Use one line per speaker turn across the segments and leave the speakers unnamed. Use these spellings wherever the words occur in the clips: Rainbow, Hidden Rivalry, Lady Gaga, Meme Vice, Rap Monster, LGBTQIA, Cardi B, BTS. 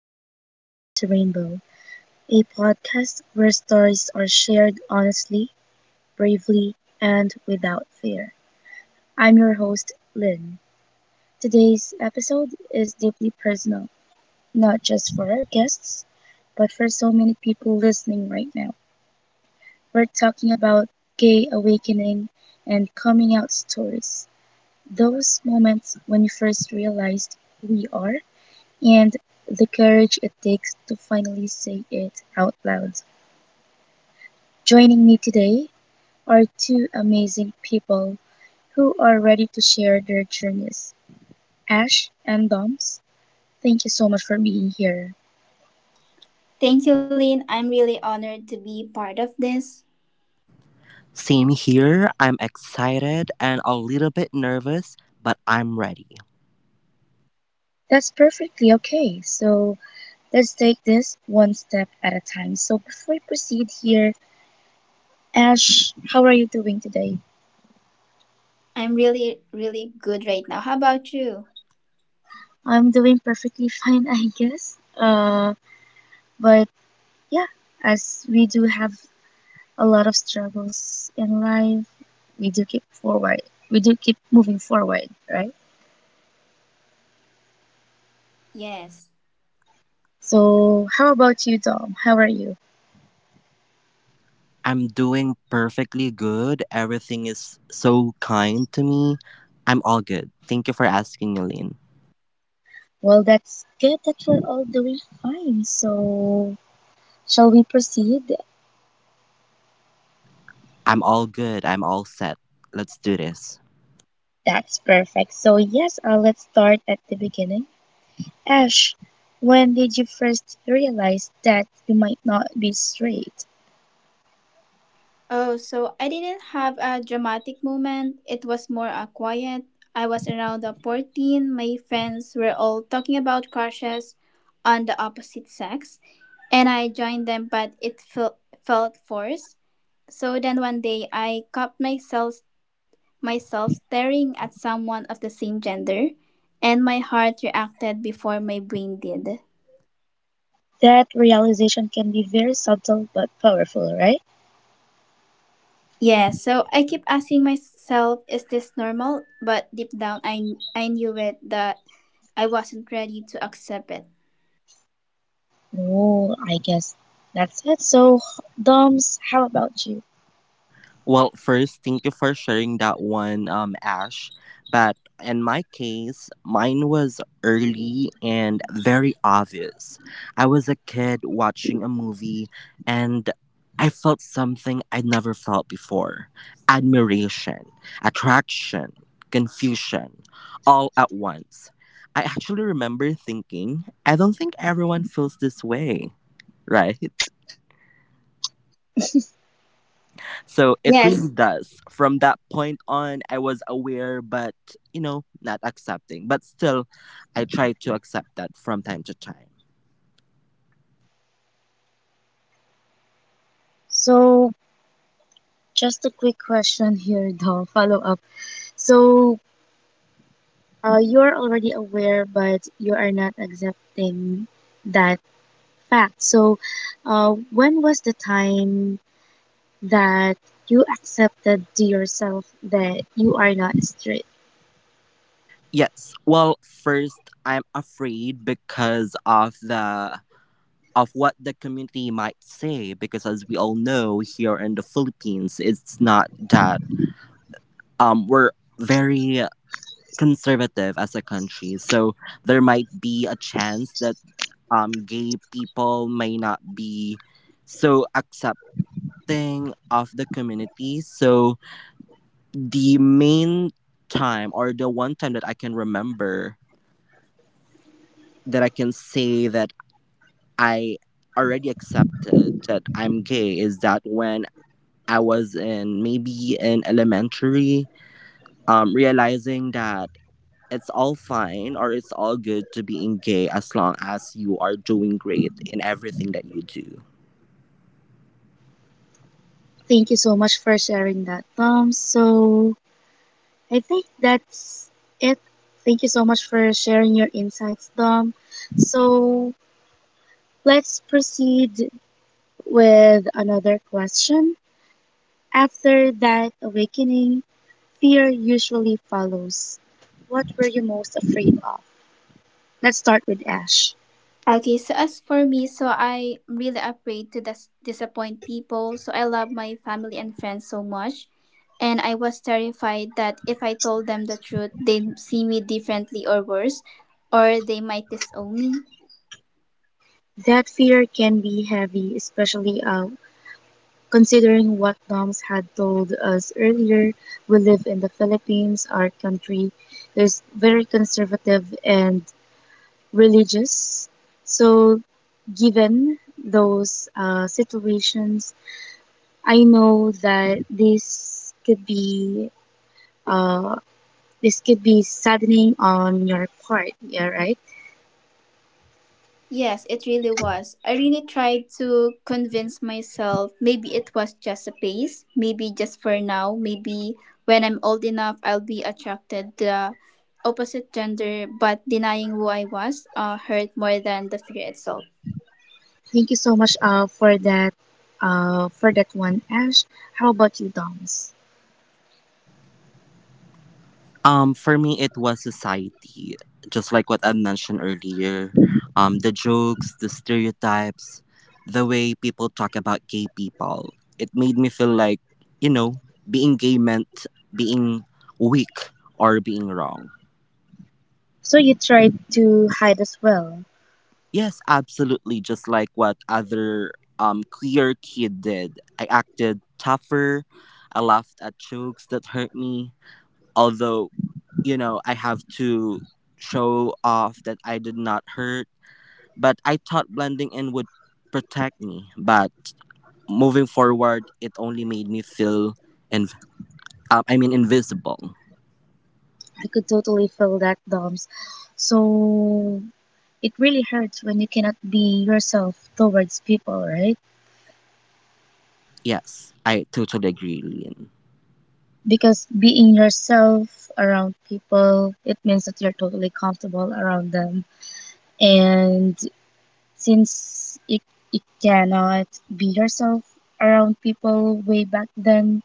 And welcome to Rainbow, a podcast where stories are shared honestly, bravely, and without fear. I'm your host, Lynn. Today's episode is deeply personal, not just for our guests, but for so many people listening right now. We're talking about gay awakening and coming out stories, those moments when you first realized who you are and the courage it takes to finally say it out loud. Joining me today are two amazing people who are ready to share their journeys. Ash and Doms, thank you so much for being here.
Thank you, Lynn. I'm really honored to be part of this.
Same here. I'm excited and a little bit nervous, but I'm ready.
That's perfectly okay. So let's take this one step at a time. So before we proceed here, Ash, how are you doing today?
I'm really, really good right now. How about you?
I'm doing perfectly fine, I guess. But yeah, as we do have a lot of struggles in life, we do keep forward. We do keep moving forward, right?
Yes.
So, how about you, Dom? How are you?
I'm doing perfectly good. Everything is so kind to me. I'm all good. Thank you for asking, Eileen.
Well, that's good that we're all doing fine. So, shall we proceed?
I'm all good. I'm all set. Let's do this.
That's perfect. So, yes, let's start at the beginning. Ash, when did you first realize that you might not be straight?
Oh, so I didn't have a dramatic moment. It was more a quiet. I was around the 14. My friends were all talking about crushes on the opposite sex, and I joined them, but it felt forced. So then one day I caught myself staring at someone of the same gender, and my heart reacted before my brain did.
That realization can be very subtle but powerful, right?
Yeah, so I keep asking myself, is this normal? But deep down I knew it that I wasn't ready to accept it.
Oh, I guess that's it. So, Doms, how about you?
Well, first, thank you for sharing that one, Ash. But in my case, mine was early and very obvious. I was a kid watching a movie and I felt something I'd never felt before: admiration, attraction, confusion, all at once. I actually remember thinking, "I don't think everyone feels this way, right?" So it really
Yes.
does. From that point on, I was aware, but, you know, not accepting. But still, I try to accept that from time to time.
So, just a quick question here, Dom, follow up. So, you're already aware, but you are not accepting that fact. So, when was the time that you accepted to yourself that you are not straight?
Yes. Well, first, I'm afraid because of what the community might say, because as we all know, here in the Philippines, it's not that we're very conservative as a country, so there might be a chance that gay people may not be so accepting of the community. So the main time, or the one time that I can remember, that I can say that I already accepted that I'm gay, is that when I was in maybe in elementary, realizing that it's all fine, or it's all good to being gay, as long as you are doing great in everything that you do.
Thank you so much for sharing that, Dom. So, I think that's it. Thank you so much for sharing your insights, Dom. So let's proceed with another question. After that awakening, fear usually follows. What were you most afraid of? Let's start with Ash.
Okay, so as for me, so I'm really afraid to disappoint people. So I love my family and friends so much. And I was terrified that if I told them the truth, they'd see me differently, or worse, or they might disown me.
That fear can be heavy, especially considering what Doms had told us earlier. We live in the Philippines, our country is very conservative and religious. So, given those situations, I know that uh, this could be saddening on your part. Yeah, right.
Yes, it really was. I really tried to convince myself maybe it was just a phase, maybe just for now, maybe when I'm old enough I'll be attracted to the opposite gender, but denying who I was hurt more than the fear itself.
Thank you so much for that one, Ash. How about you, Doms?
For me, it was society, just like what I mentioned earlier. The jokes, the stereotypes, the way people talk about gay people. It made me feel like, you know, being gay meant being weak or being wrong.
So you tried to hide as well.
Yes, absolutely. Just like what other queer kid did. I acted tougher. I laughed at jokes that hurt me. Although, you know, I have to show off that I did not hurt. But I thought blending in would protect me. But moving forward, it only made me feel, and invisible.
I could totally feel that, Doms. So it really hurts when you cannot be yourself towards people, right?
Yes, I totally agree, Lynn.
Because being yourself around people it means that you're totally comfortable around them, and since you, you cannot be yourself around people way back then,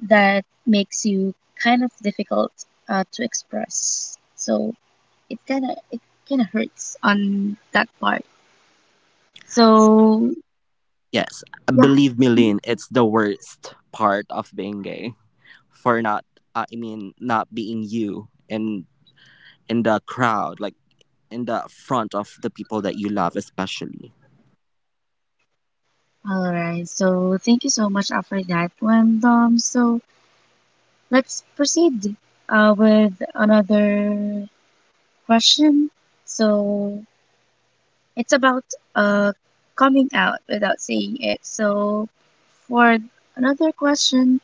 that makes you kind of difficult to express, so it kind of hurts on that part, so
Yes,
yeah.
believe me, Lynn, it's the worst part of being gay, for not, I mean, not being you in the crowd, like in the front of the people that you love, especially.
Mm-hmm. All right, so thank you so much for that one, so let's proceed with another question. So it's about uh, coming out without saying it. So for another question,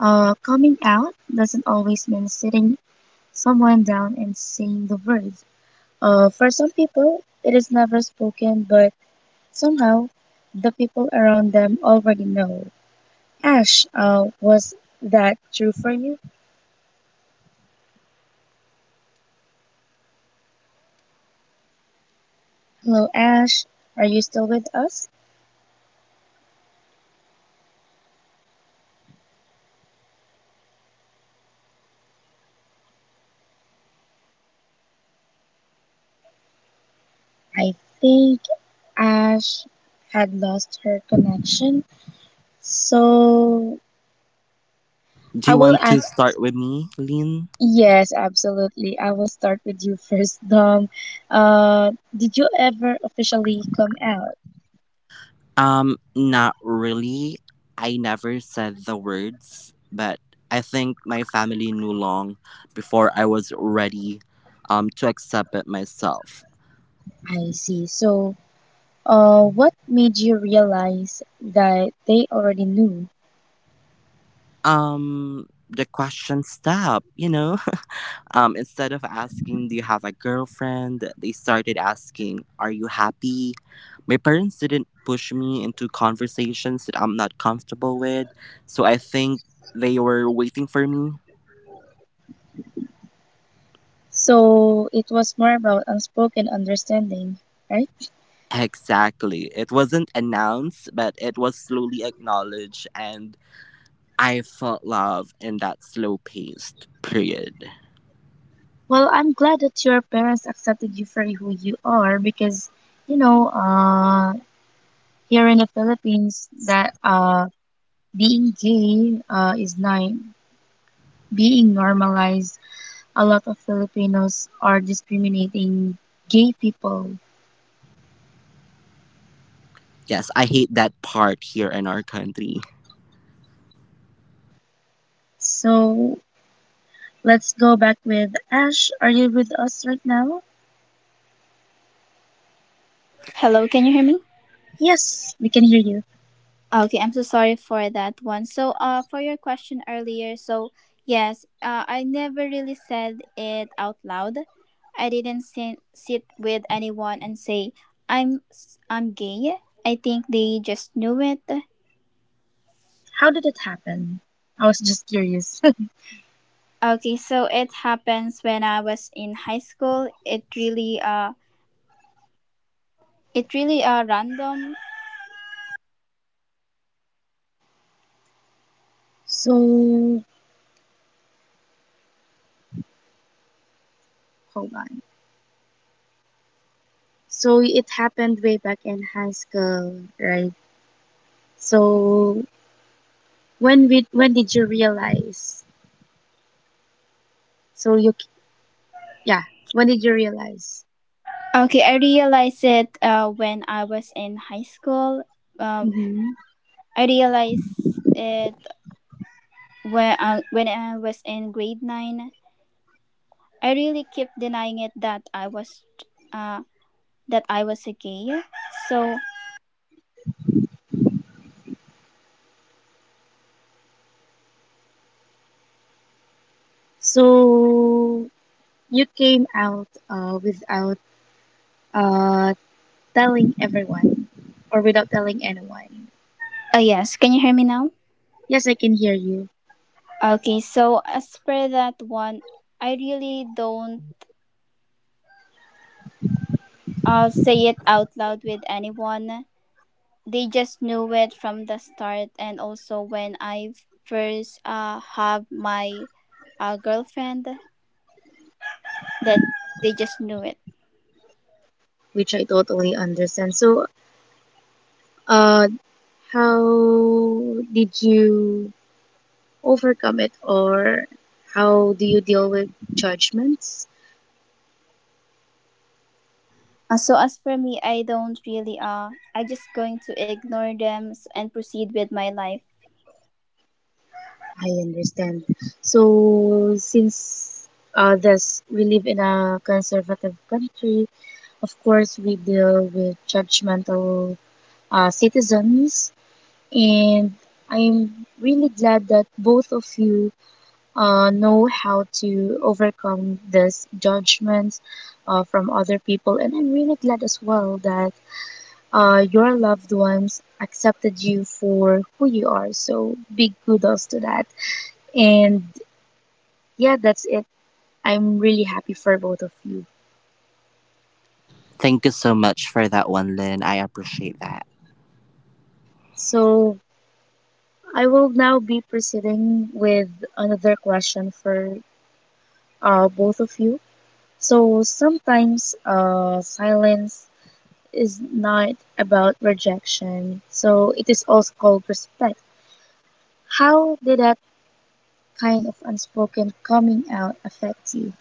coming out doesn't always mean sitting someone down and saying the words. For some people, it is never spoken, but somehow the people around them already know. Ash, was that true for you?
Yes. So I never really said it out loud. I didn't sit
Hello,
anyone
Ash.
down.
Are you still with us?
Yes, hello. Hello. So can you hear me?
I
Hello.
think Ash had lost her connection.
Hello.
So
Do
I
you want
will
to
ask.
start with me, Lynn?
Yes, absolutely. I will start with you first, Dom. Did you ever officially come out?
Not really. I never said the words, but I think my family knew long before I was ready to accept it myself.
I see. So, what made you realize that they already knew?
The question stopped, you know? Instead of asking, "Do you have a girlfriend?" they started asking, "Are you happy?" My parents didn't push me into conversations that I'm not comfortable with, so I think they were waiting for me.
So it was more about unspoken understanding, right?
Exactly. It wasn't announced, but it was slowly acknowledged, and I felt love in that slow paced period.
Well, I'm glad that your parents accepted you for who you are, because, you know, here in the Philippines, that being gay is not being normalized. A lot of Filipinos are discriminating gay people.
Yes, I hate that part here in our country.
So let's go back with Ash. Are you with us right now?
Hello, can you hear me?
Yes, we can hear you.
Okay, I'm so sorry for that one. So, for your question earlier, so yes, I never really said it out loud. I didn't sit with anyone and say I'm gay. I think they just knew it.
How did it happen? I was just curious.
Okay, so it happens when I was in high school. It really random.
So hold on. So it happened way back in high school, right? So when did you realize? So you Yeah. When did you realize?
Okay, I realized it when I was in high school. Um,
Hmm.
I realized it when when I was in grade 9. I really kept denying it uh, that I was a gay. So,
So you came out without uh, telling everyone or without telling anyone.
yes, can you hear me now?
Yes, I can hear you,
Okay, so as per that one, I really don't say it out loud with anyone. They just knew it from the start. And also when I first have my girlfriend, that they just knew it.
which I totally understand. So, uh, how did you overcome it, or how do you deal with judgments?
So as for me, I don't really I just going to ignore them and proceed with my life.
I understand. So, since we live in a conservative country. Of course, we deal with judgmental citizens, and I'm really glad that both of you know how to overcome this judgments from other people. And I'm really glad as well that your loved ones accepted you for who you are. So big kudos to that. And yeah, that's it. I'm really happy for both of you.
Thank you so much for that one, Lynn. I appreciate that.
So I will now be proceeding with another question for both of you. So sometimes silence is not about rejection, so it is also called respect. How did that kind of unspoken coming out affect you?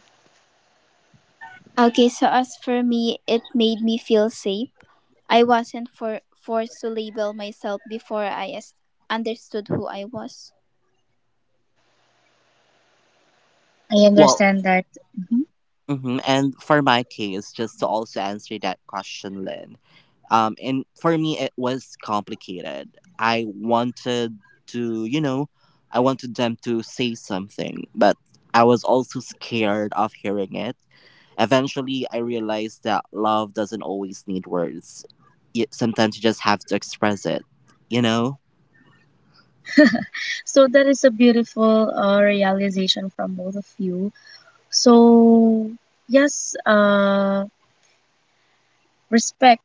Okay, so as for me, it made me feel safe. I wasn't forced to label myself before understood who I was.
I
Well,
understand that. Mhm.
mhm, and for my case, just to also answer that question, Lynn, and for me, it was complicated. I wanted to, you know, I wanted them to say something, but I was also scared of hearing it. Eventually, I realized that love doesn't always need words. Sometimes you just have to express it, you know?
So that is a beautiful realization from both of you. So yes, respect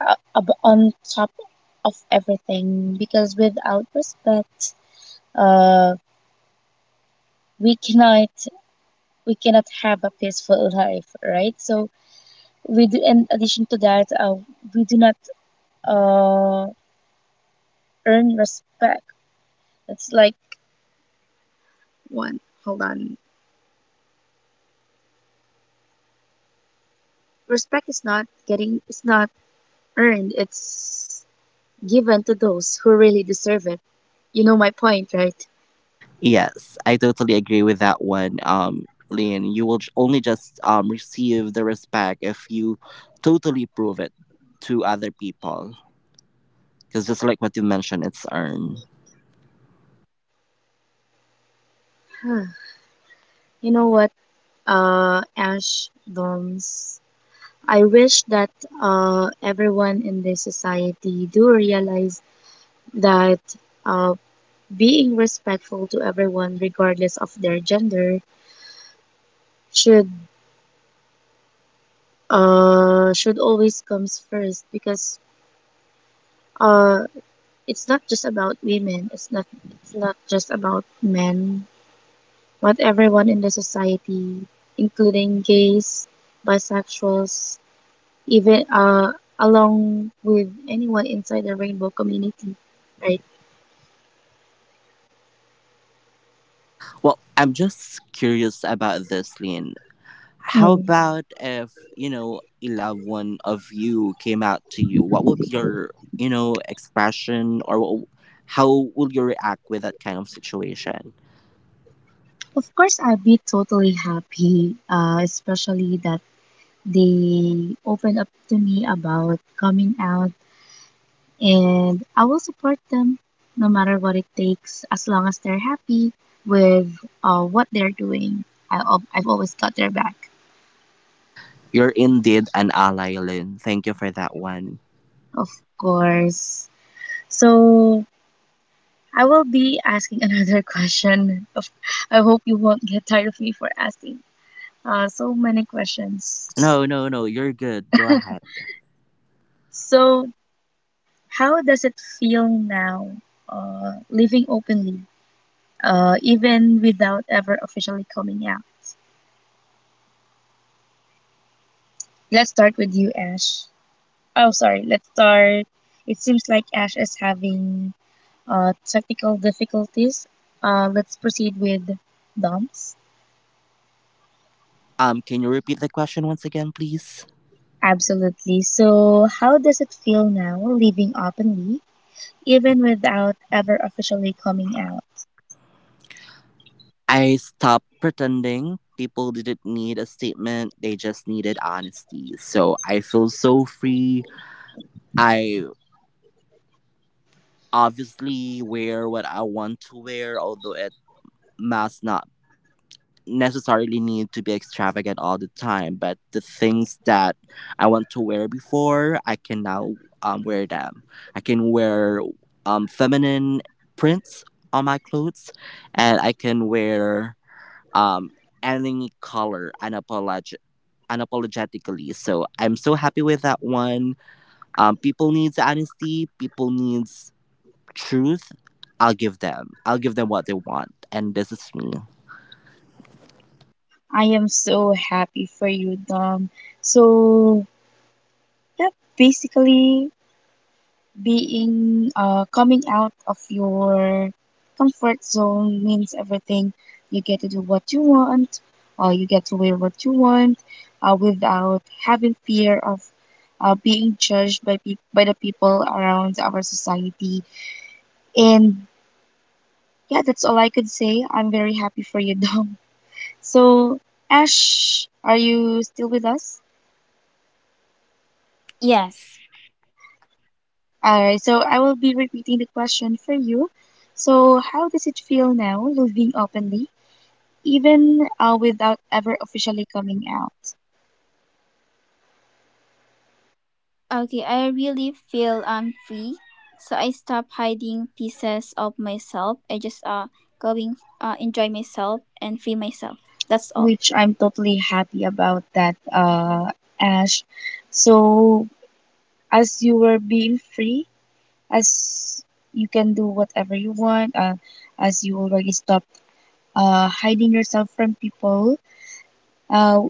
on top of everything, because without respect uh we cannot, we cannot have a peaceful life, right? So we do, in addition to that, we do not uh earn respect. It's like one hold on respect is not getting, it's not earned, it's given to those who really deserve it. You know my point, right?
Yes, I totally agree with that one. Lynn, you will only just receive the respect if you totally prove it to other people. Because just like what you mentioned, it's earned.
You know what, Ash, Doms, I wish that everyone in this society do realize that uh, being respectful to everyone, regardless of their gender, should should always comes first, because uh, it's not just about women. It's not just about men. But everyone in the society, including gays, bisexuals, even along with anyone inside the rainbow community, right?
Well, I'm just curious about this, Lean. How
Mm.
about if, you know, a loved one of you came out to you? What would be your, you know, expression or how would you react with that kind of situation?
Of course, I'd be totally happy, especially that they open up to me about coming out, and I will support them no matter what it takes, as long as they're happy with what they're doing. I've always got their back,
You're indeed an ally, Lynn. Thank you for that one.
of course. So I will be asking another question. Of- I hope you won't get tired of me for asking so many questions.
No, no, no, you're good. Go ahead.
So how does it feel now, living openly, even without ever officially coming out? Let's start with you, Ash. Oh, sorry. Let's start. It seems like Ash is having technical difficulties. Let's proceed with Dom's.
Can you repeat the question once again, please?
Absolutely. So, how does it feel now, living openly, even without ever officially coming out?
I stopped pretending. People didn't need a statement, they just needed honesty. So I feel so free. I obviously wear what I want to wear, although it must not necessarily need to be extravagant all the time, but the things that I want to wear before, I can now wear them. I can wear feminine prints on my clothes, and I can wear um, any color unapologetically. So I'm so happy with that one. People needs honesty. People needs truth. I'll give them. I'll give them what they want, and this is me.
I am so happy for you, Dom. So, yeah, basically, being coming out of your comfort zone means everything. You get to do what you want, you get to wear what you want, without having fear of being judged by peop by the people around our society. And yeah, that's all I could say. I'm very happy for you, Dom. So, Ash, are you still with us?
Yes.
Alright, so I will be repeating the question for you. So, how does it feel now, living openly, even without ever officially coming out,
Okay, I really feel free. So I stop hiding pieces of myself. I just going enjoy myself and free myself. That's
which
all.
I'm totally happy about that, Ash. So, as you were being free, as you can do whatever you want, as you already stopped hiding yourself from people, uh,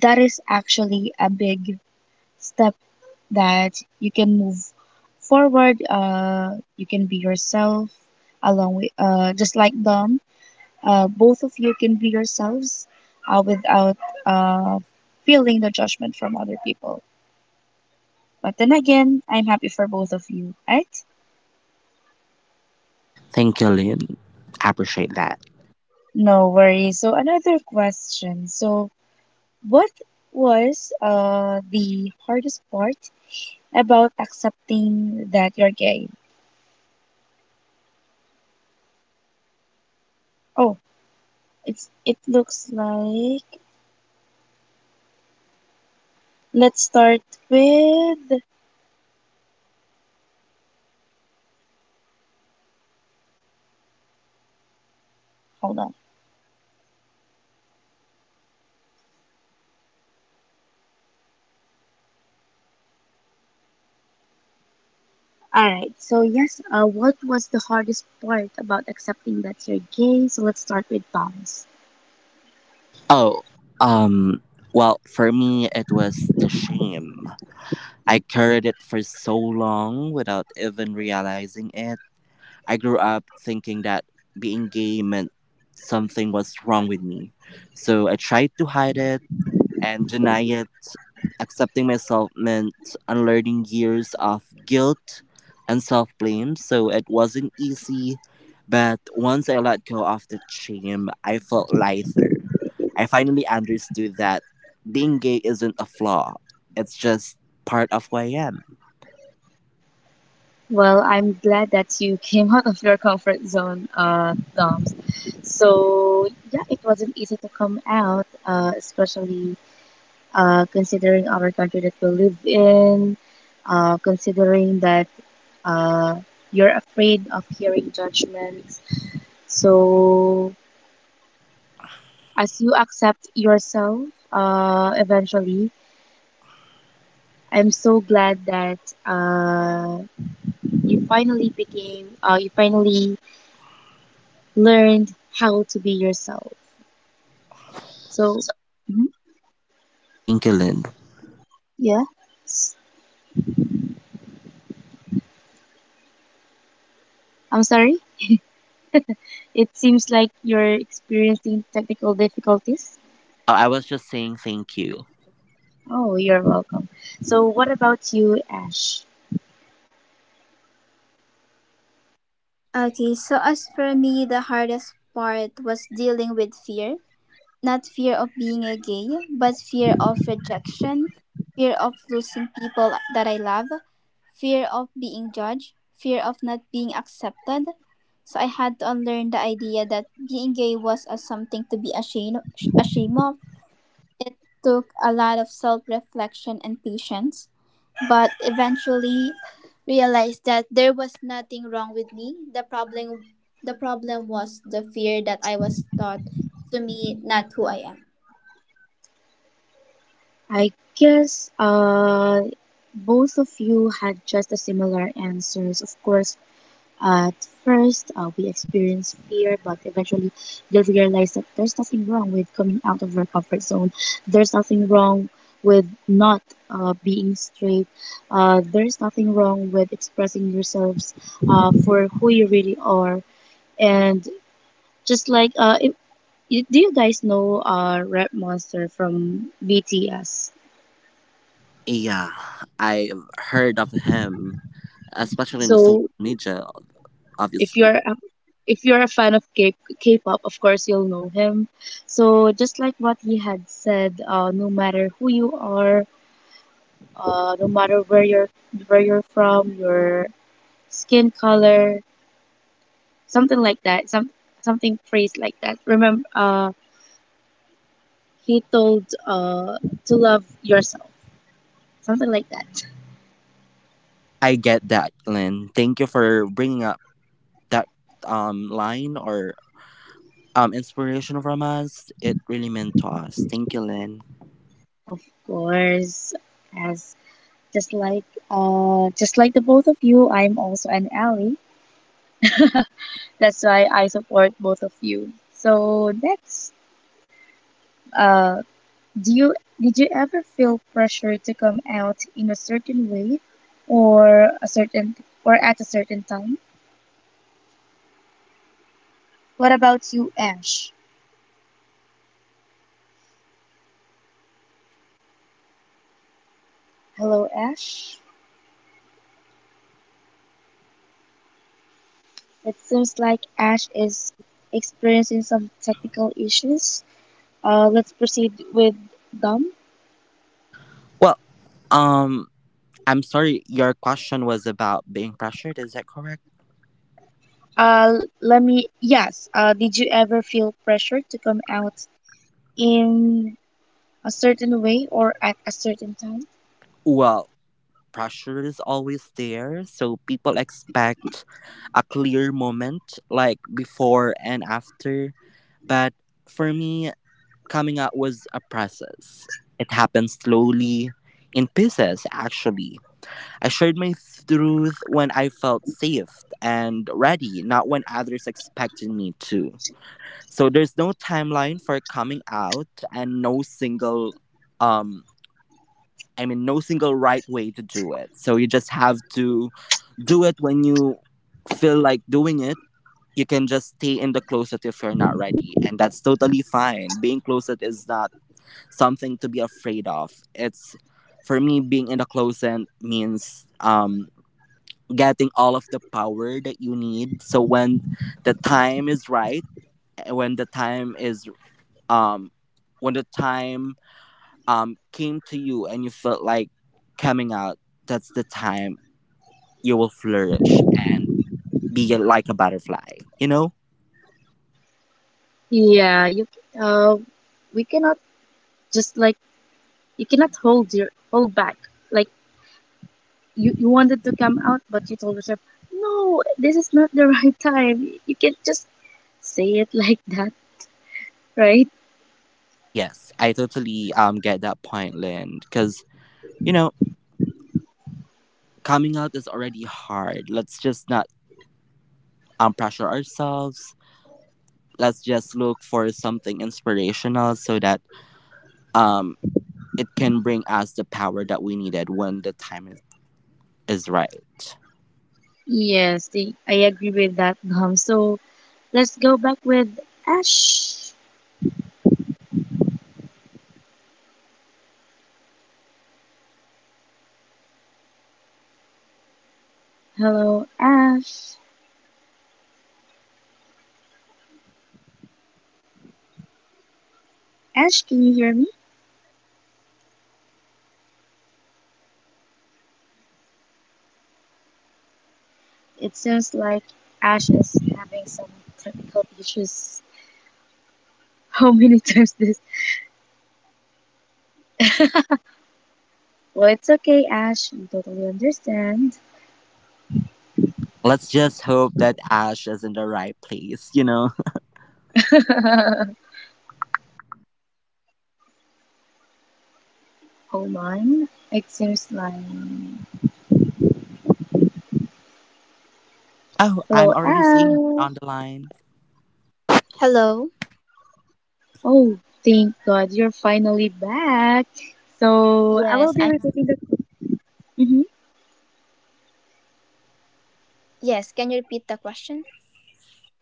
that is actually a big step that you can move forward. You can be yourself along with, just like Dom. Both of you can be yourselves without uh, feeling the judgment from other people. But then again, I'm happy for both of you, right?
Thank you, Lynn. I appreciate that.
No worries. So another question. So what was the hardest part about accepting that you're gay? Oh, it looks like let's start with hold on. All right. So yes, what was the hardest part about accepting that you're gay? So let's start with Dom's.
Oh, um, well, for me, it was the shame. I carried it for so long without even realizing it. I grew up thinking that being gay meant something was wrong with me. So I tried to hide it and deny it. Accepting myself meant unlearning years of guilt and self blame, so it wasn't easy. But once I let go of the shame, I felt lighter. I finally understood that being gay isn't a flaw, it's just part of who I am.
Well, I'm glad that you came out of your comfort zone, Dom's. So yeah, it wasn't easy to come out, especially considering our country that we live in, considering that uh, you're afraid of hearing judgments. So as you accept yourself, eventually I'm so glad that uh, you finally became, you finally learned how to be yourself. So, mhm,
Thank you, Lynn.
yeah, S- I'm sorry. It seems like you're experiencing technical difficulties.
Oh, I was just saying thank you.
Oh, you're welcome. So, what about you, Ash?
Okay, so as for me, the hardest part was dealing with fear. Not fear of being a gay, but fear of rejection, fear of losing people that I love, fear of being judged, fear of not being accepted. So I had to unlearn the idea that being gay was a something to be ashamed of. Took a lot of self reflection and patience, but eventually realized that there was nothing wrong with me. The problem was the fear that I was taught to me, not who I am.
I guess both of you had just a similar answers. Of course, at first, we experience fear, but eventually you'll realize that there's nothing wrong with coming out of your comfort. There's nothing wrong with not being straight. There's nothing wrong with expressing yourselves for who you really are. And just like, if, do you guys know Rap Monster from BTS?
Yeah, I have
Yes,
heard of him, especially in the social
So
media,
if
obviously.
you're a- if you're a fan of K-pop, of course you'll know him. So just like what he had said, no matter who you are, no matter where you're from, your skin color, something like that, something phrase like that. Remember, he told to love yourself, something like that.
I get that, Lynn. Thank you for bringing up that line or inspiration from us. It really meant to us. Thank you, Lynn.
Of
yes, thank you, Lynn.
course, as just like just like the both of you, I'm also an ally. That's why I support both of you. So next, uh, do you did you ever feel pressure to come out in a certain way, or a certain or at a certain time? What about you, Ash?
So as for me, yes, all the time there's so much pressure to come
Hello,
out in
Ash.
that. Hello,
It seems like
hello.
Ash is experiencing some technical issues. Let's proceed with Dom.
Well, um, I'm sorry. Your question was about being pressured. Is that correct?
Let me. Yes. Did you ever feel pressure to come out in a certain way or at a certain time?
Well, pressure is always there, so people expect a clear moment, like before and after. But for me, coming out was a process. It happened slowly, in pieces, actually. I shared my truth when I felt safe and ready, not when others expected me to. So there's no timeline for coming out and no single um right way to do it. So you just have to do it when you feel like doing it. You can just stay in the closet if you're not ready, and that's totally fine. Being closet is not something to be afraid of. It's, for me, being in the closet means getting all of the power that you need. So when the time is right, eh, when the time is um when the time came to you and you felt like coming out, that's the time you will flourish and be like a butterfly, you know?
Yeah, you uh, we cannot just like you cannot hold back. Like you wanted to come out, but you told yourself, no, this is not the right time. You can not just say it like that, right?
Yes, I totally get that point, Lynn, because you know, coming out is already hard. Let's just not pressure ourselves. Let's just look for something inspirational so that um, it can bring us the power that we needed when is right.
Yes, I agree with that, Mom. So let's go back with Ash. Hello, Ash. Ash, can you hear me? It sounds like Ash is having some technical issues. How many times this? Well, it's okay, Ash. We totally understand.
Let's just hope that Ash is in the right place, you know?
Hold on. It seems like.
Oh,
Hello,
I'm already seeing her
Al.
on the line.
Hello.
Oh, thank God you're finally back.
Yes,
So,
I
I will be repeating the. Hmm.
yes, can you repeat the question?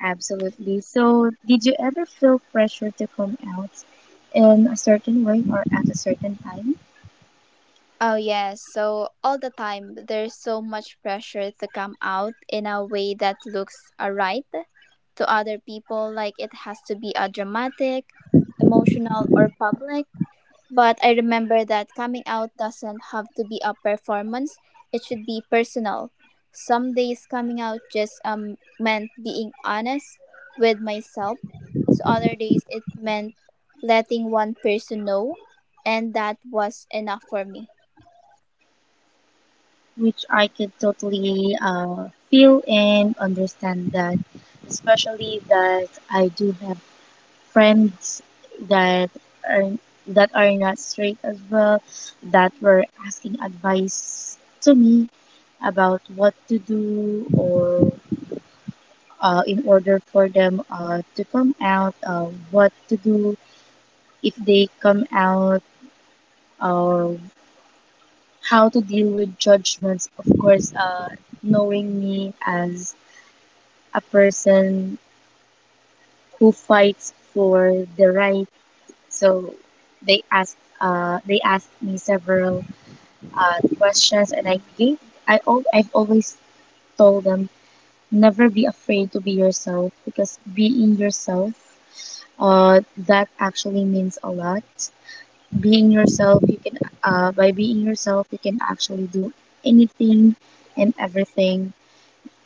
Absolutely. So, did you ever feel pressure to come out in a certain way or at a certain time?
Oh yes, so all the time there's so much pressure to come out in a way that looks alright to people like it has to be a dramatic, emotional or public. But I remember that coming out doesn't have to be a performance, it should be personal. Some days coming out just meant being honest with myself. So other days it meant letting one person know, and that was enough for me.
Which I could totally feel and understand that, especially that I do have friends that are that are not straight as well that were asking advice to me about what to do or in order for them to come out what to do if they come out or how to deal with judgments, of course. Knowing me as a person who fights for the right, so they asked me several questions, and I gave I al- I've always told them, never be afraid to be yourself because being yourself uh, that actually means a lot. Being yourself, you can by being yourself, you can actually do anything and everything.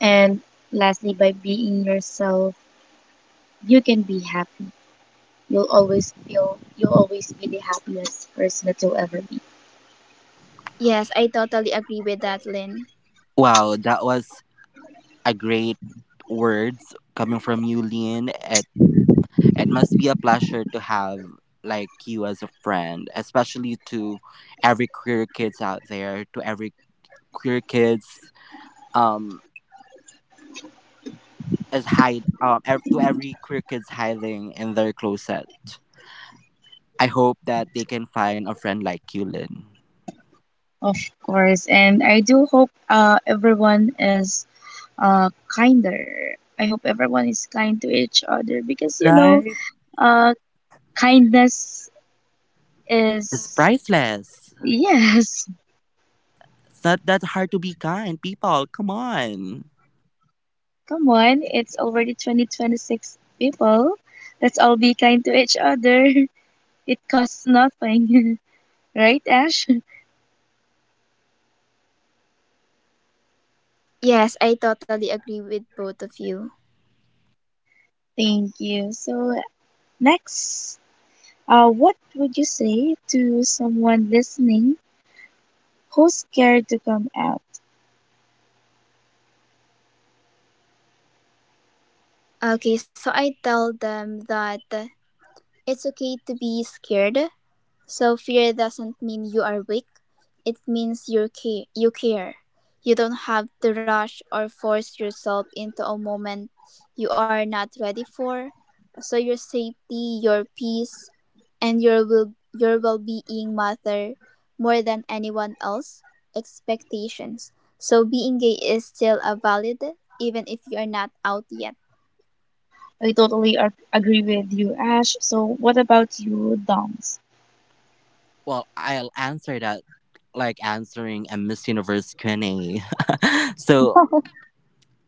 And lastly, by being yourself, you can be happy. You'll always be the happiest person that you'll ever be.
Yes, I totally agree with that, Lynn.
Wow, that was a great words coming from you, Lynn. It must be a pleasure to have like you as a friend, especially to every queer kids out there, to every queer kids um to every queer kids hiding in their closet. I hope that they can find a friend like you, Lynn.
Of course, and I do hope everyone is kinder. I hope everyone is kind to each other because,
Right?
uh, kindness
It's
is.
priceless.
Yes.
It's not that hard to be kind, people. Come on.
Come on, it's already 2026 people. Let's all be kind to each other. It costs nothing, right, Ash?
Yes, I totally agree with both of you.
Thank you. So next, what would you say to someone listening who's scared to come out?
Okay, so I tell them that it's okay to be scared. So fear doesn't mean you are weak. It means you care. You care. You don't have to rush or force yourself into a moment you are not ready for. So your safety, your peace, and your will, your well-being matter more than anyone else expectations. So being gay is still a valid even if you are not out yet.
I totally agree with you, Ash. So what about you, Doms?
Well, I'll answer that like answering a Miss Universe Q&A. so,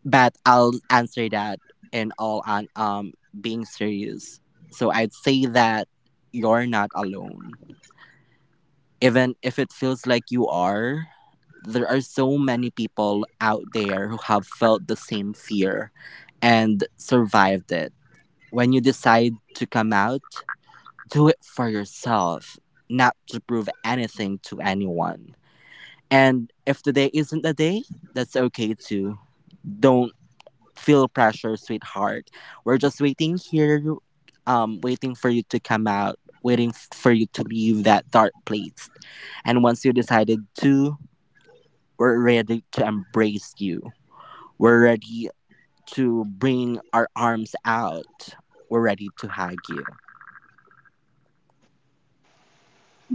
but I'll answer that in all on being serious. So I'd say that you're not alone. Even if it feels like you are, there are so many people out there who have felt the same fear and survived it. When you decide to come out, do it for yourself, not to prove anything to anyone. And if today isn't the day, that's okay too. Don't feel pressure, sweetheart. We're just waiting here, waiting for you to come out, waiting for you to leave that dark place. And once you decided to, we're ready to embrace you. We're ready to bring our arms out. We're ready to hug you.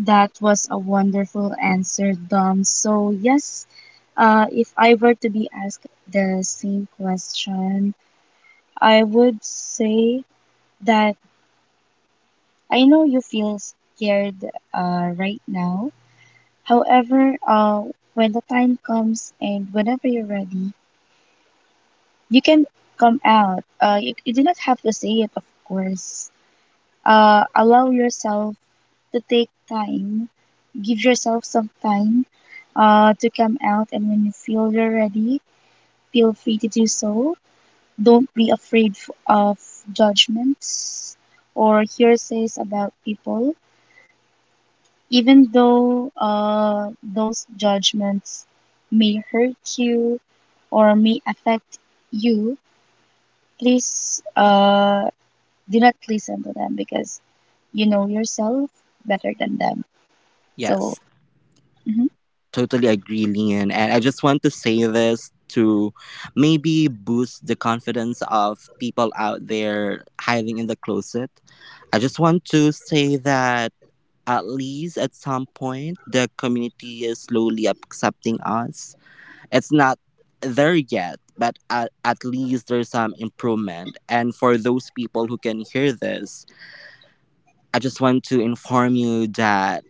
That was a wonderful answer, Dom. So, yes, if I were to be asked the same question, I would say that I know you feel scared right now. However, when the time comes and whenever you're ready, you can come out. You do not have to say it, of course. Allow yourself to take time. Give yourself some time to come out, and when you feel you're ready, feel free to do so. Don't be afraid of judgments or hearsays about people, even though those judgments may hurt you or may affect you. Please do not listen to them because you know yourself better than them. So,
Yes.
mhm.
Totally agree, Leon. And I just want to say this to maybe boost the confidence of people out there hiding in the closet. I just want to say that at least at some point, the community is slowly accepting us. It's not there yet, but at least there's some improvement. And for those people who can hear this, I just want to inform you that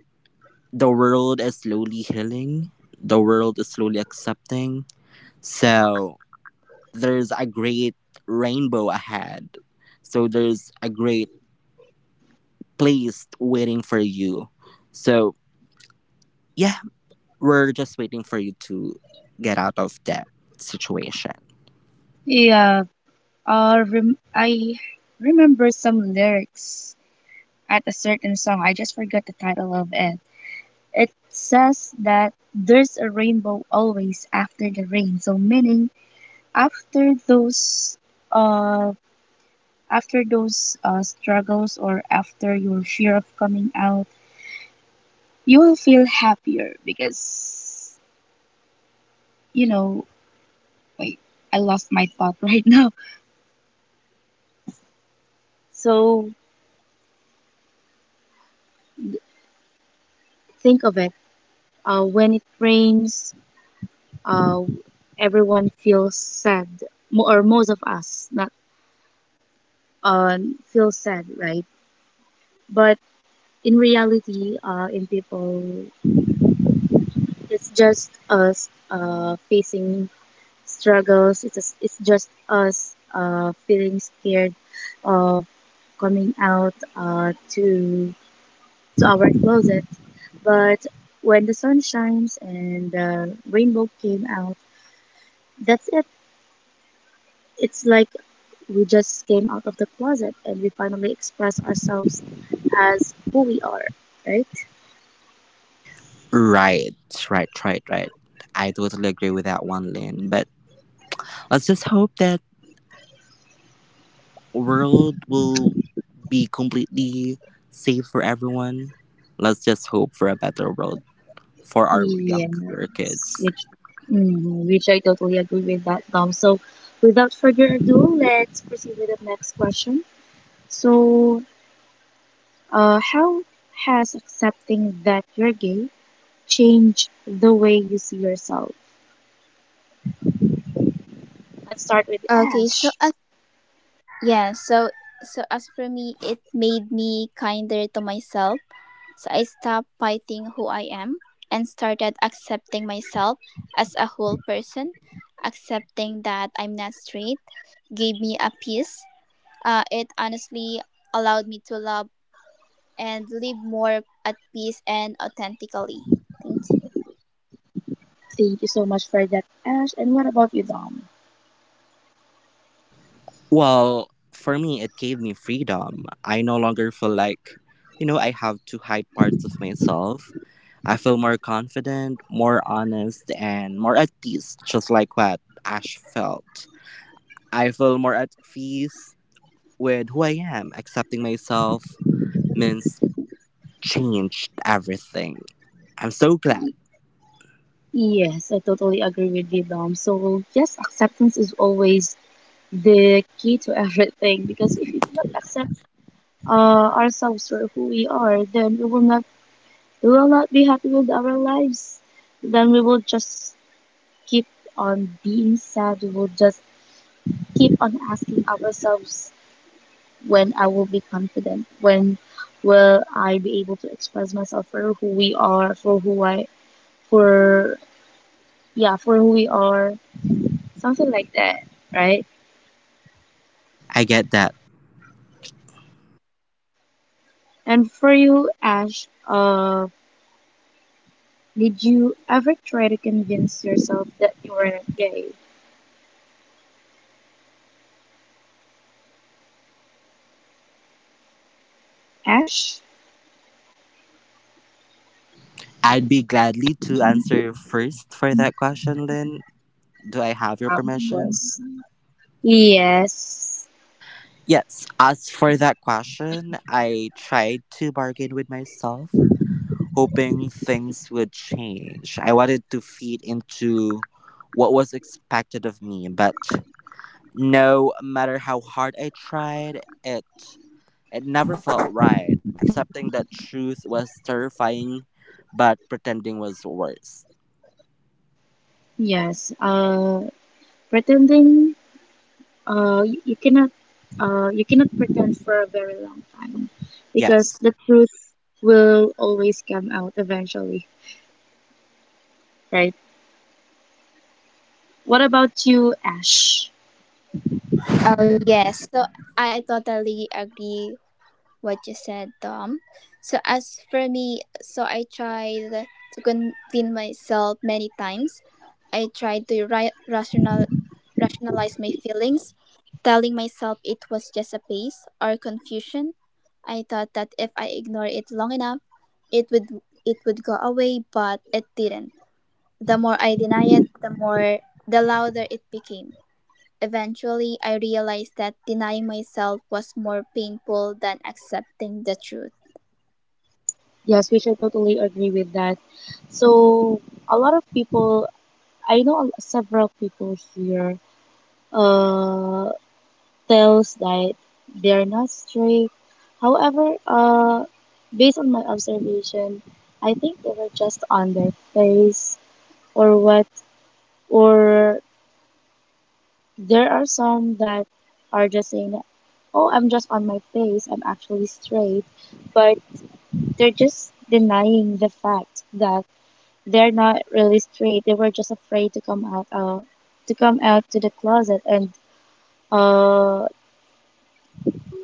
the world is slowly healing, the world is slowly accepting. So there's a great rainbow ahead. So there's a great place waiting for you. So yeah, we're just waiting for you to get out of that situation.
Yeah. I remember some lyrics at a certain song. I just forgot the title of it. It says that there's a rainbow always after the rain. So meaning after those uh after those struggles or after your fear of coming out, you will feel happier because you know. Wait, I lost my thought right now. So think of it. When it rains, uh, everyone feels sad, or most of us not feel sad, right? But in reality, in people, it's just us facing struggles. It's just us feeling scared of coming out to our closet. But when the sun shines and the rainbow came out, that's it. It's like we just came out of the closet and we finally express ourselves as who we are, right?
Right, right. I totally agree with that one, Lynn. But let's just hope that world will be completely safe for everyone. Let's just hope for a better world for our younger
Yes,
kids.
which I totally agree with that, Dom. So, without further ado, let's proceed with the next question. So, how has accepting that you're gay changed the way you see yourself? Let's start
Okay,
with
so
Ash.
Yeah, so so as for me, it made me kinder to myself. So I stopped fighting who I am and started accepting myself as a whole person. Accepting that I'm not straight gave me a peace. It honestly allowed me to love and live more at peace and authentically. Thank you.
Thank you so much for that, Ash. And what about you, Dom?
Well, for me, it gave me freedom. I no longer feel like, you know, I have to hide parts of myself. I feel more confident, more honest, and more at peace, just like what Ash felt. I feel more at peace with who I am. Accepting myself means changed everything. I'm so glad.
Yes, I totally agree with you, Dom. So, yes, acceptance is always the key to everything, because if we do not accept uh, ourselves for who we are, then we will not be happy with our lives. Then we will just keep on being sad. We will just keep on asking ourselves, when I will be confident, when will I be able to express myself for who we are, for who I, for yeah, for who we are, something like that, right?
I get that.
And for you, Ash, did you ever try to convince yourself that you were not gay? Ash?
I'd be gladly to answer first for that question, Lynn. Do I have
Of
your
course.
permission?
Yes.
Yes, as for that question, I tried to bargain with myself, hoping things would change. I wanted to feed into what was expected of me, but no matter how hard I tried, it never felt right. Accepting that truth was terrifying, but pretending was worse.
Yes. Pretending, uh, you, you cannot, you cannot pretend for a very long time because
Yes,
the truth will always come out eventually, right? What about you, Ash?
Oh yes, so I totally agree what you said, Dom. So as for me, so I tried to convince myself many times. I tried to rationalize my feelings, telling myself it was just a or confusion. I thought that if I ignore it long enough, it would it would go away, but it didn't. The more I deny it, the louder it became. Eventually, I realized that denying myself was more painful than accepting the truth.
Yes, which I totally agree with that. So, a lot of people I know several people here uh tells that they are not strict. However, based on my observation, I think they were just on their face or what or there are some that are just saying, "Oh, I'm just on my face. I'm actually straight." But they're just denying the fact that they're not really straight. They were just afraid to come out to the closet and uh,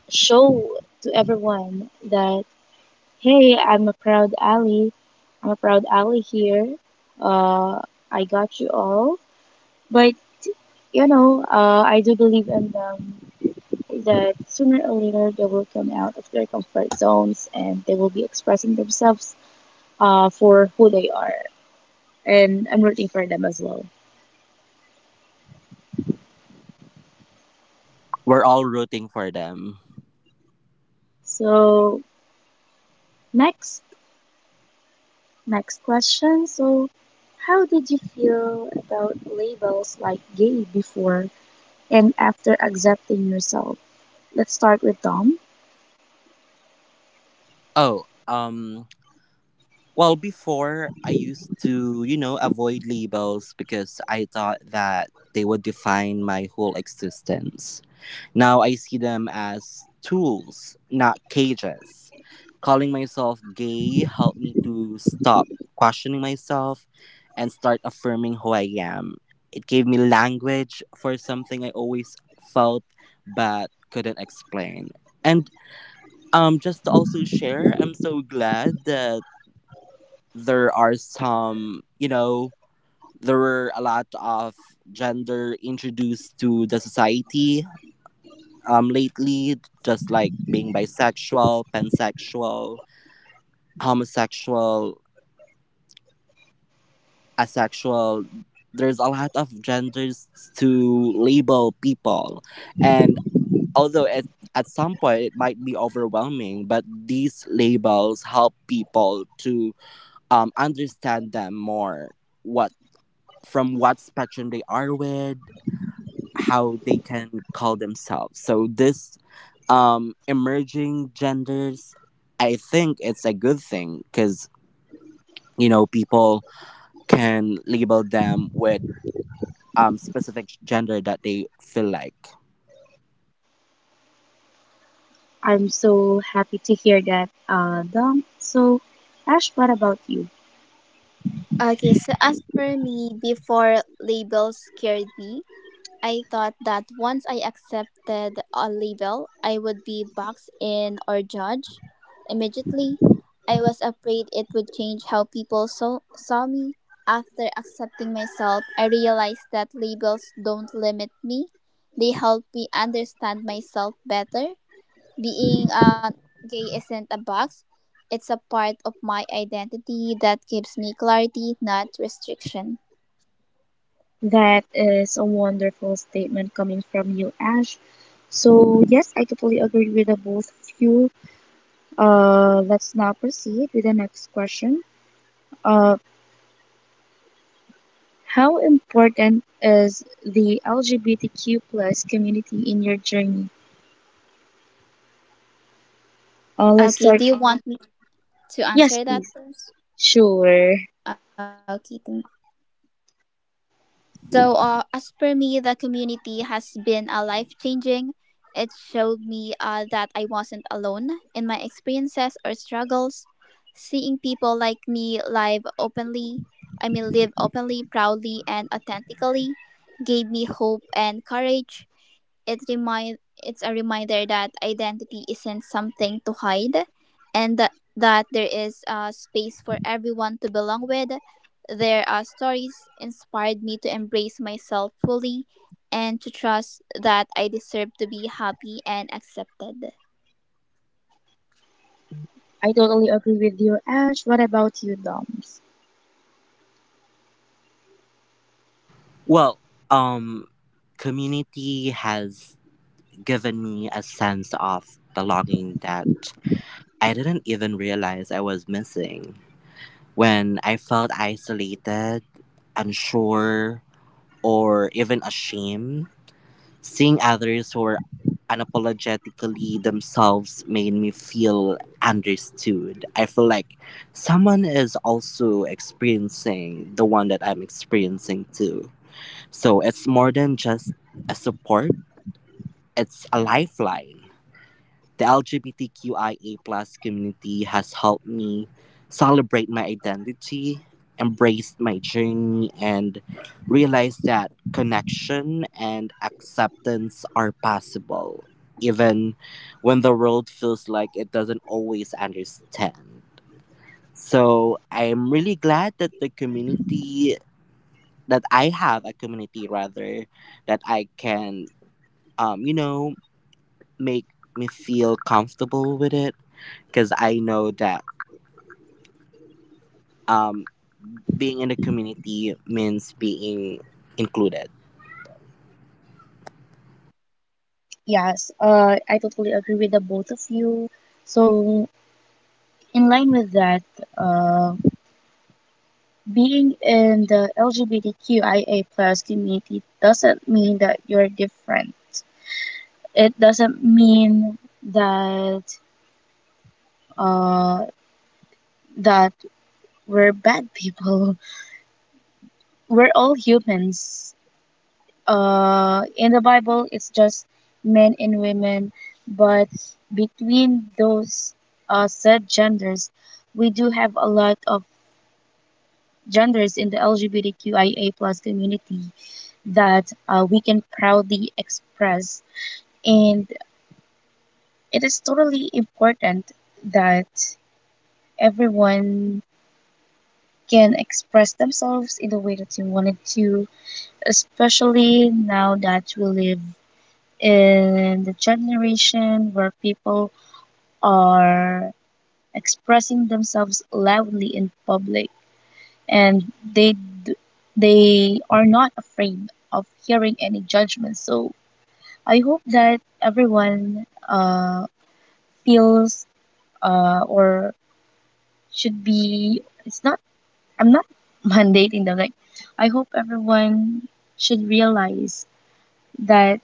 show to everyone that, hey, I'm a proud ally. I'm a proud ally here. Uh, I got you all. But I do believe in them that sooner or later they will come out of their comfort zones and they will be expressing themselves for who they are. And I'm rooting for them as well.
we're all rooting for them.
So next Next question. So, how did you feel about labels like gay before and after accepting yourself? Let's start with Dom.
Oh, um Well, before I used to, avoid labels because I thought that they would define my whole existence. Now I see them as tools, not cages. Calling myself gay helped me to stop questioning myself and start affirming who I am. It gave me language for something I always felt but couldn't explain. And just to also share, I'm so glad that there are some, you know, there were a lot of gender introduced to the society lately, just like being bisexual, pansexual, homosexual, asexual. There's a lot of genders to label people. And although it, at some point it might be overwhelming, but these labels help people to understand them more what from what spectrum they are with, how they can call themselves. So this emerging genders, I think it's a good thing because you know people can label them with specific gender that they feel like.
I'm so happy to hear that, Dom. So, Ash, what about you?
Okay, so as for me, before labels scared me, I thought that once I accepted a label, I would be boxed in or judged. Immediately, I was afraid it would change how people saw me. After accepting myself, I realized that labels don't limit me, they help me understand myself better. Being a gay isn't a box. It's a part of my identity that gives me clarity, not restriction.
That is a wonderful statement coming from you, Ash. So, yes, I totally agree with the both of you. Let's now proceed with the next question. Uh. How important is the LGBTQ plus community in your journey? Let's start. Yes, please.
Okay, do you want me
Sure.
to answer that first? Okay, thank you. So, as per me, the community has been a life changing. It showed me that I wasn't alone in my experiences or struggles. Seeing people like me live openly, I mean, live openly, proudly, and courage. It's a reminder that identity isn't something to hide and that there is a space for everyone to belong with. Their stories inspired me to embrace myself fully and to trust that I deserve to be happy and accepted.
I totally agree with you, Ash. What about you, Doms?
Well, um community has given me a sense of belonging that I didn't even realize I was missing. When I felt isolated, unsure, or even ashamed. Seeing others who are unapologetically themselves made me feel understood. I feel like someone is also experiencing the one that I'm experiencing too. So it's more than just a support, it's a lifeline. The LGBTQIA plus community has helped me celebrate my identity, embrace my journey, and realize that connection and acceptance are possible, even when the world feels like it doesn't always understand. So I'm really glad that the community that I have a community rather that I can um you know make me feel comfortable with it because I know that um, being in the community means being included.
Yes, I totally agree with the both of you. So, in line with that, uh, being in the LGBTQIA plus community doesn't mean that you're different. It doesn't mean that uh, that we're bad people. We're all humans. In the Bible, it's just men and women, but between those said genders, we do have a lot of genders in the LGBTQIA plus community that we can proudly express, and it is totally important that everyone can express themselves in the way that they wanted to, especially now that we live in the generation where people are expressing themselves loudly in public, and d- they are not afraid of hearing any judgment. So I hope that everyone feels, or should be — it's not, I'm not mandating them, like I hope everyone should realize that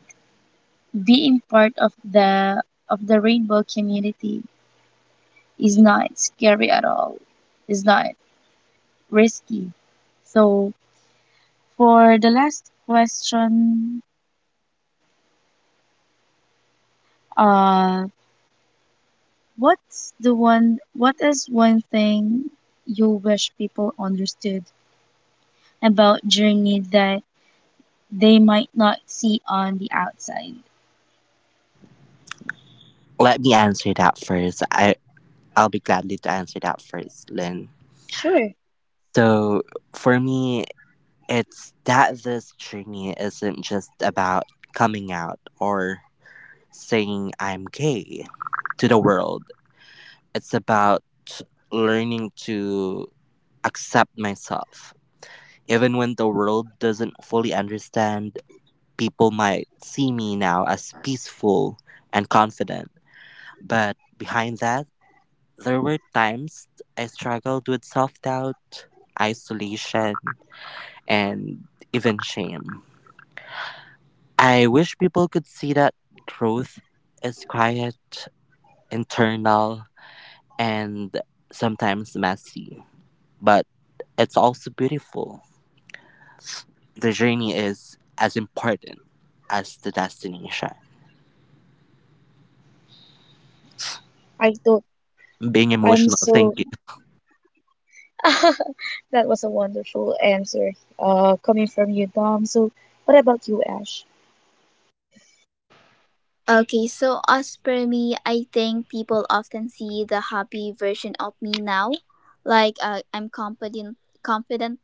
being part of the rainbow community is not scary at all. It's not risky. So, for the last question, uh, what's the one? What is one thing you wish people understood about journey that they might not see on the outside?
Let me answer that first. I'll be gladly to answer that first, Lynn.
Sure.
So for me, it's that this journey isn't just about coming out or saying I'm gay to the world. It's about learning to accept myself. Even when the world doesn't fully understand, people might see me now as peaceful and confident, but behind that, there were times I struggled with self doubt, isolation, and even shame. I wish people could see that growth is quiet, internal, and sometimes messy, but it's also beautiful. The journey is as important as the destination.
I don't.
Being
I'm
emotional,
so.
thank you.
That was a wonderful answer, coming from you, Dom. So
Okay, so as per me, I think people often see the happy version of me now. I'm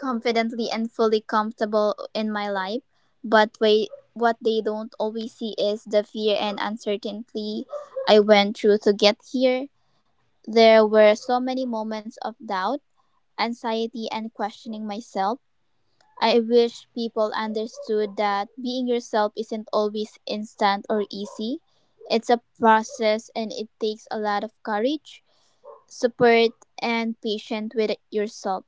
confidently and fully comfortable in my life. But wait, what they don't always see is the fear and uncertainty I went through to get here. There were so many moments of doubt, anxiety, and questioning myself. I wish people understood that being yourself isn't always instant or easy. It's a process and it takes a lot of courage, support, and patience with yourself.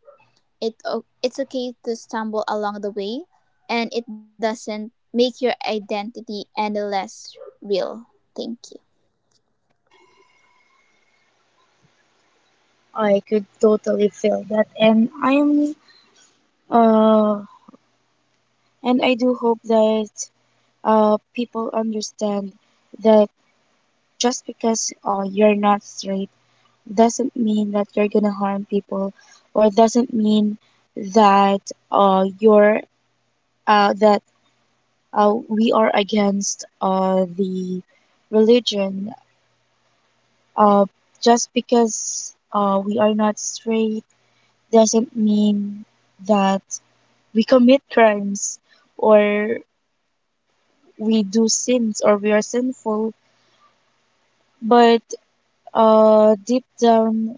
It's okay to stumble along the way, and it doesn't make your identity any less real. Thank you.
really feel that, and I am uh and I do hope that people understand that just because you're not straight doesn't mean that you're gonna harm people, or doesn't mean that you're that we are against the religion. uh just because we are not straight doesn't mean that we commit crimes, or we do sins, or we are sinful. But deep down,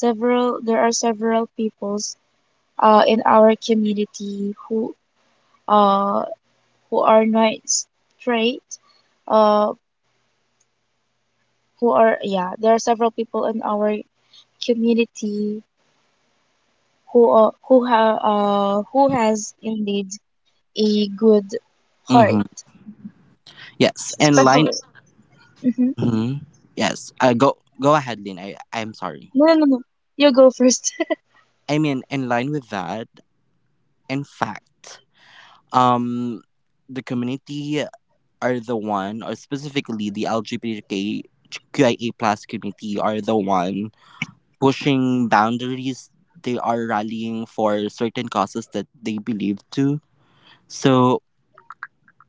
several there are several peoples in our community who, uh, are not straight, uh, who are yeah there are several people in our community who are, who have who has indeed a good heart,
Mhm. Yes, and line.
especially hmm
Mhm. Yes, go ahead, Lynn. I'm sorry.
no, no, no, no. You go first.
I mean, in line with that, in fact, um, the community are the one, or specifically the LGBTQIA plus community, are the one pushing boundaries. They are rallying for certain causes that they believe to. So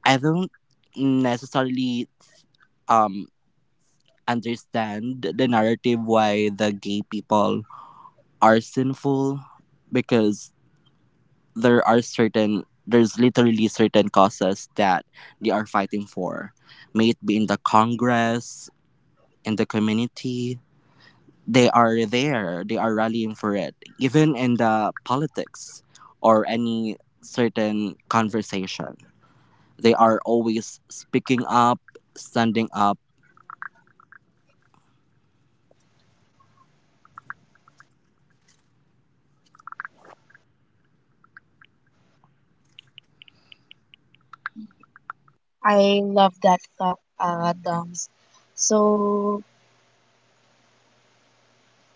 I don't necessarily um understand the narrative why the gay people are sinful because there's literally certain causes that they are fighting for, may it be in the congress, in the community, they are rallying for it, even in the politics or any certain conversation. They are always speaking up, standing up.
I love that thought, Doms. So,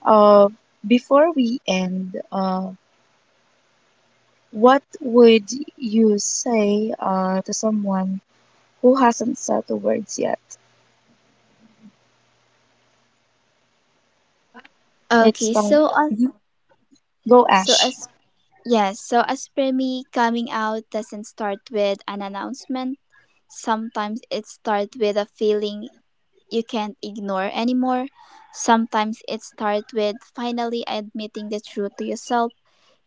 uh, before we end, what would you say to someone who hasn't settled words yet? Let's
Okay,
start. Mhm. Go,
so
Ash.
as Yes, so as per me, coming out doesn't start with an announcement. Sometimes it starts with a feeling you can't ignore anymore. Sometimes it starts with finally admitting the truth to yourself.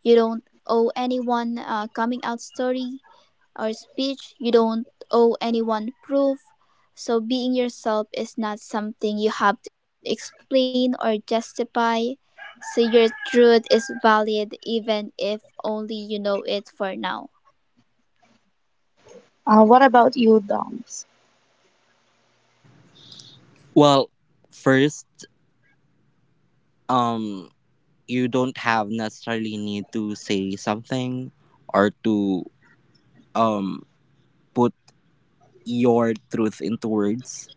You don't owe anyone a coming out story or speech. You don't owe anyone proof. So being yourself is not something you have to explain or justify. So your truth is valid even if only you know it for now.
What about you, Doms?
Well, first, um you don't have necessarily need to say something or to um, put your truth into words.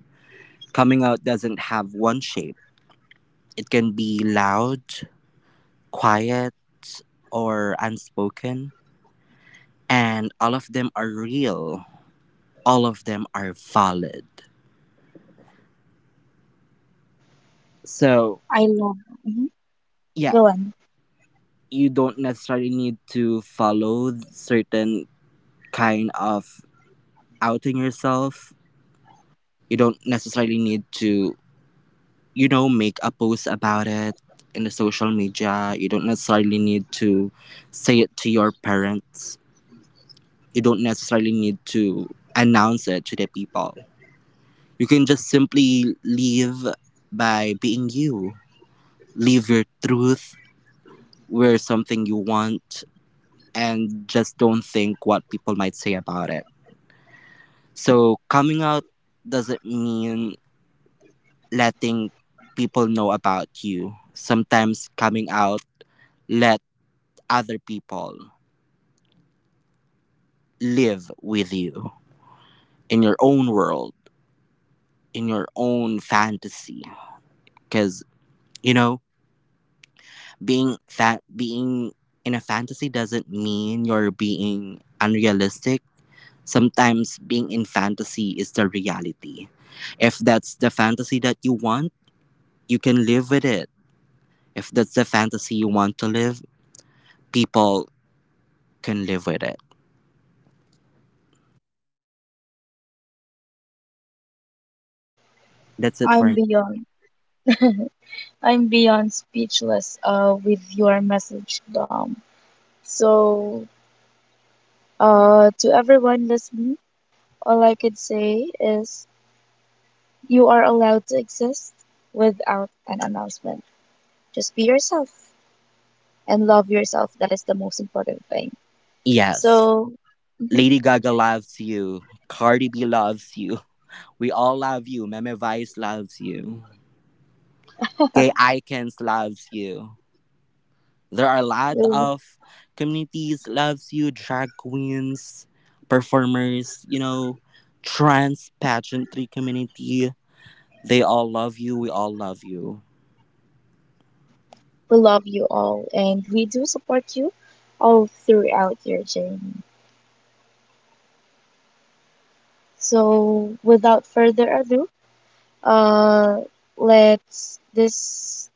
Coming out doesn't have one shape, it can be loud, quiet, or unspoken. And all of them are real, all of them are valid. So,
I love. Mhm.
yeah,
Go on.
you don't necessarily need to follow certain kind of outing yourself. You don't necessarily need to, you know, make a post about it in the social media. You don't necessarily need to say it to your parents. You don't necessarily need to announce it to the people. You can just simply live by being you. Live your truth, wear something you want, and just don't think what people might say about it. So, coming out doesn't mean letting people know about you. Sometimes coming out let other people live with you in your own world, in your own fantasy. Because you know, being in a fantasy doesn't mean you're being unrealistic. Sometimes being in fantasy is the reality. If that's the fantasy that you want, you can live with it. If that's the fantasy you want to live, people can live with it. That's it for
I'm
me.
beyond. I'm beyond speechless with your message, Dom. So, to everyone listening, all I could say is, you are allowed to exist without an announcement. Just be yourself and love yourself. That is the most important thing.
Yes.
So, mhm,
Lady Gaga loves you. Cardi B loves you. We all love you. Meme Vice loves you. Gay Icons loves you. There are a lot
we,
of communities loves you. Drag queens, performers, you know, trans pageantry community. They all love you. We all love you.
we love you all, and we do support you all throughout your journey. So, without further ado, uh, let's — this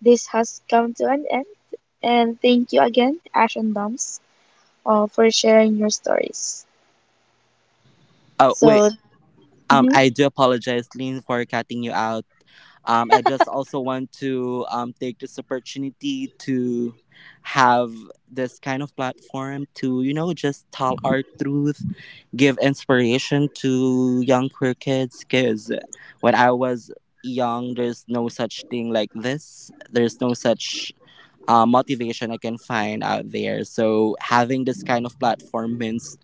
this has come to an end. And thank you again, Ash and Dumps, for sharing your stories.
Oh wait.
So, mhm.
I do apologize, Lynn, for cutting you out. I just also want to take this opportunity to have this kind of platform to, you know, just tell our truth, give inspiration to young queer kids. Because when I was young, there's no such thing like this, there's no such motivation I can find out there. So having this kind of platform means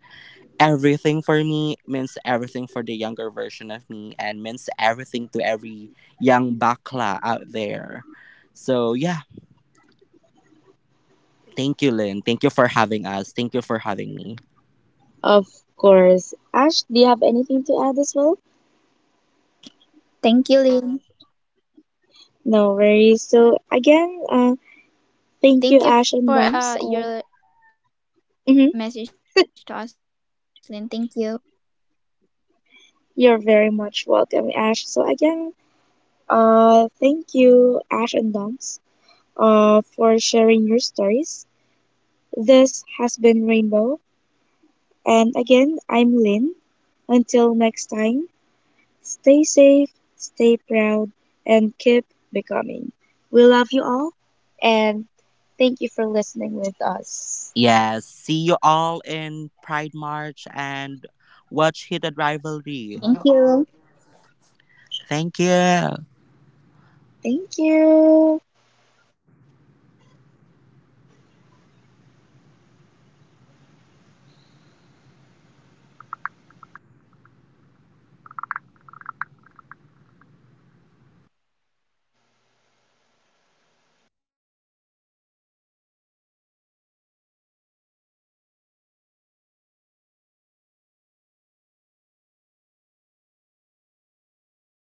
everything for me, means everything for the younger version of me, and means everything to every young bakla out there. So yeah, thank you, Lynn. Thank you for having us. Thank you for having me.
Of course. Ash, do
Thank
you
you,
have
Lynn.
anything to add as well?
I know. Thank you for your message to
No
us, Lin.
worries.
Thank
So,
you.
again, thank you, Ash and Bumps. Mhm, You're very much welcome, Ash. So, again, thank you, Ash and Bumps, for sharing your stories. This has been Rainbow. And again, I'm Lynn. Until next time, stay safe, stay proud, and keep becoming. We love you all, and thank you for listening with us.
Yes, see you all in
Thank
Pride
you.
March and watch Hidden Rivalry. Thank you.
Thank you.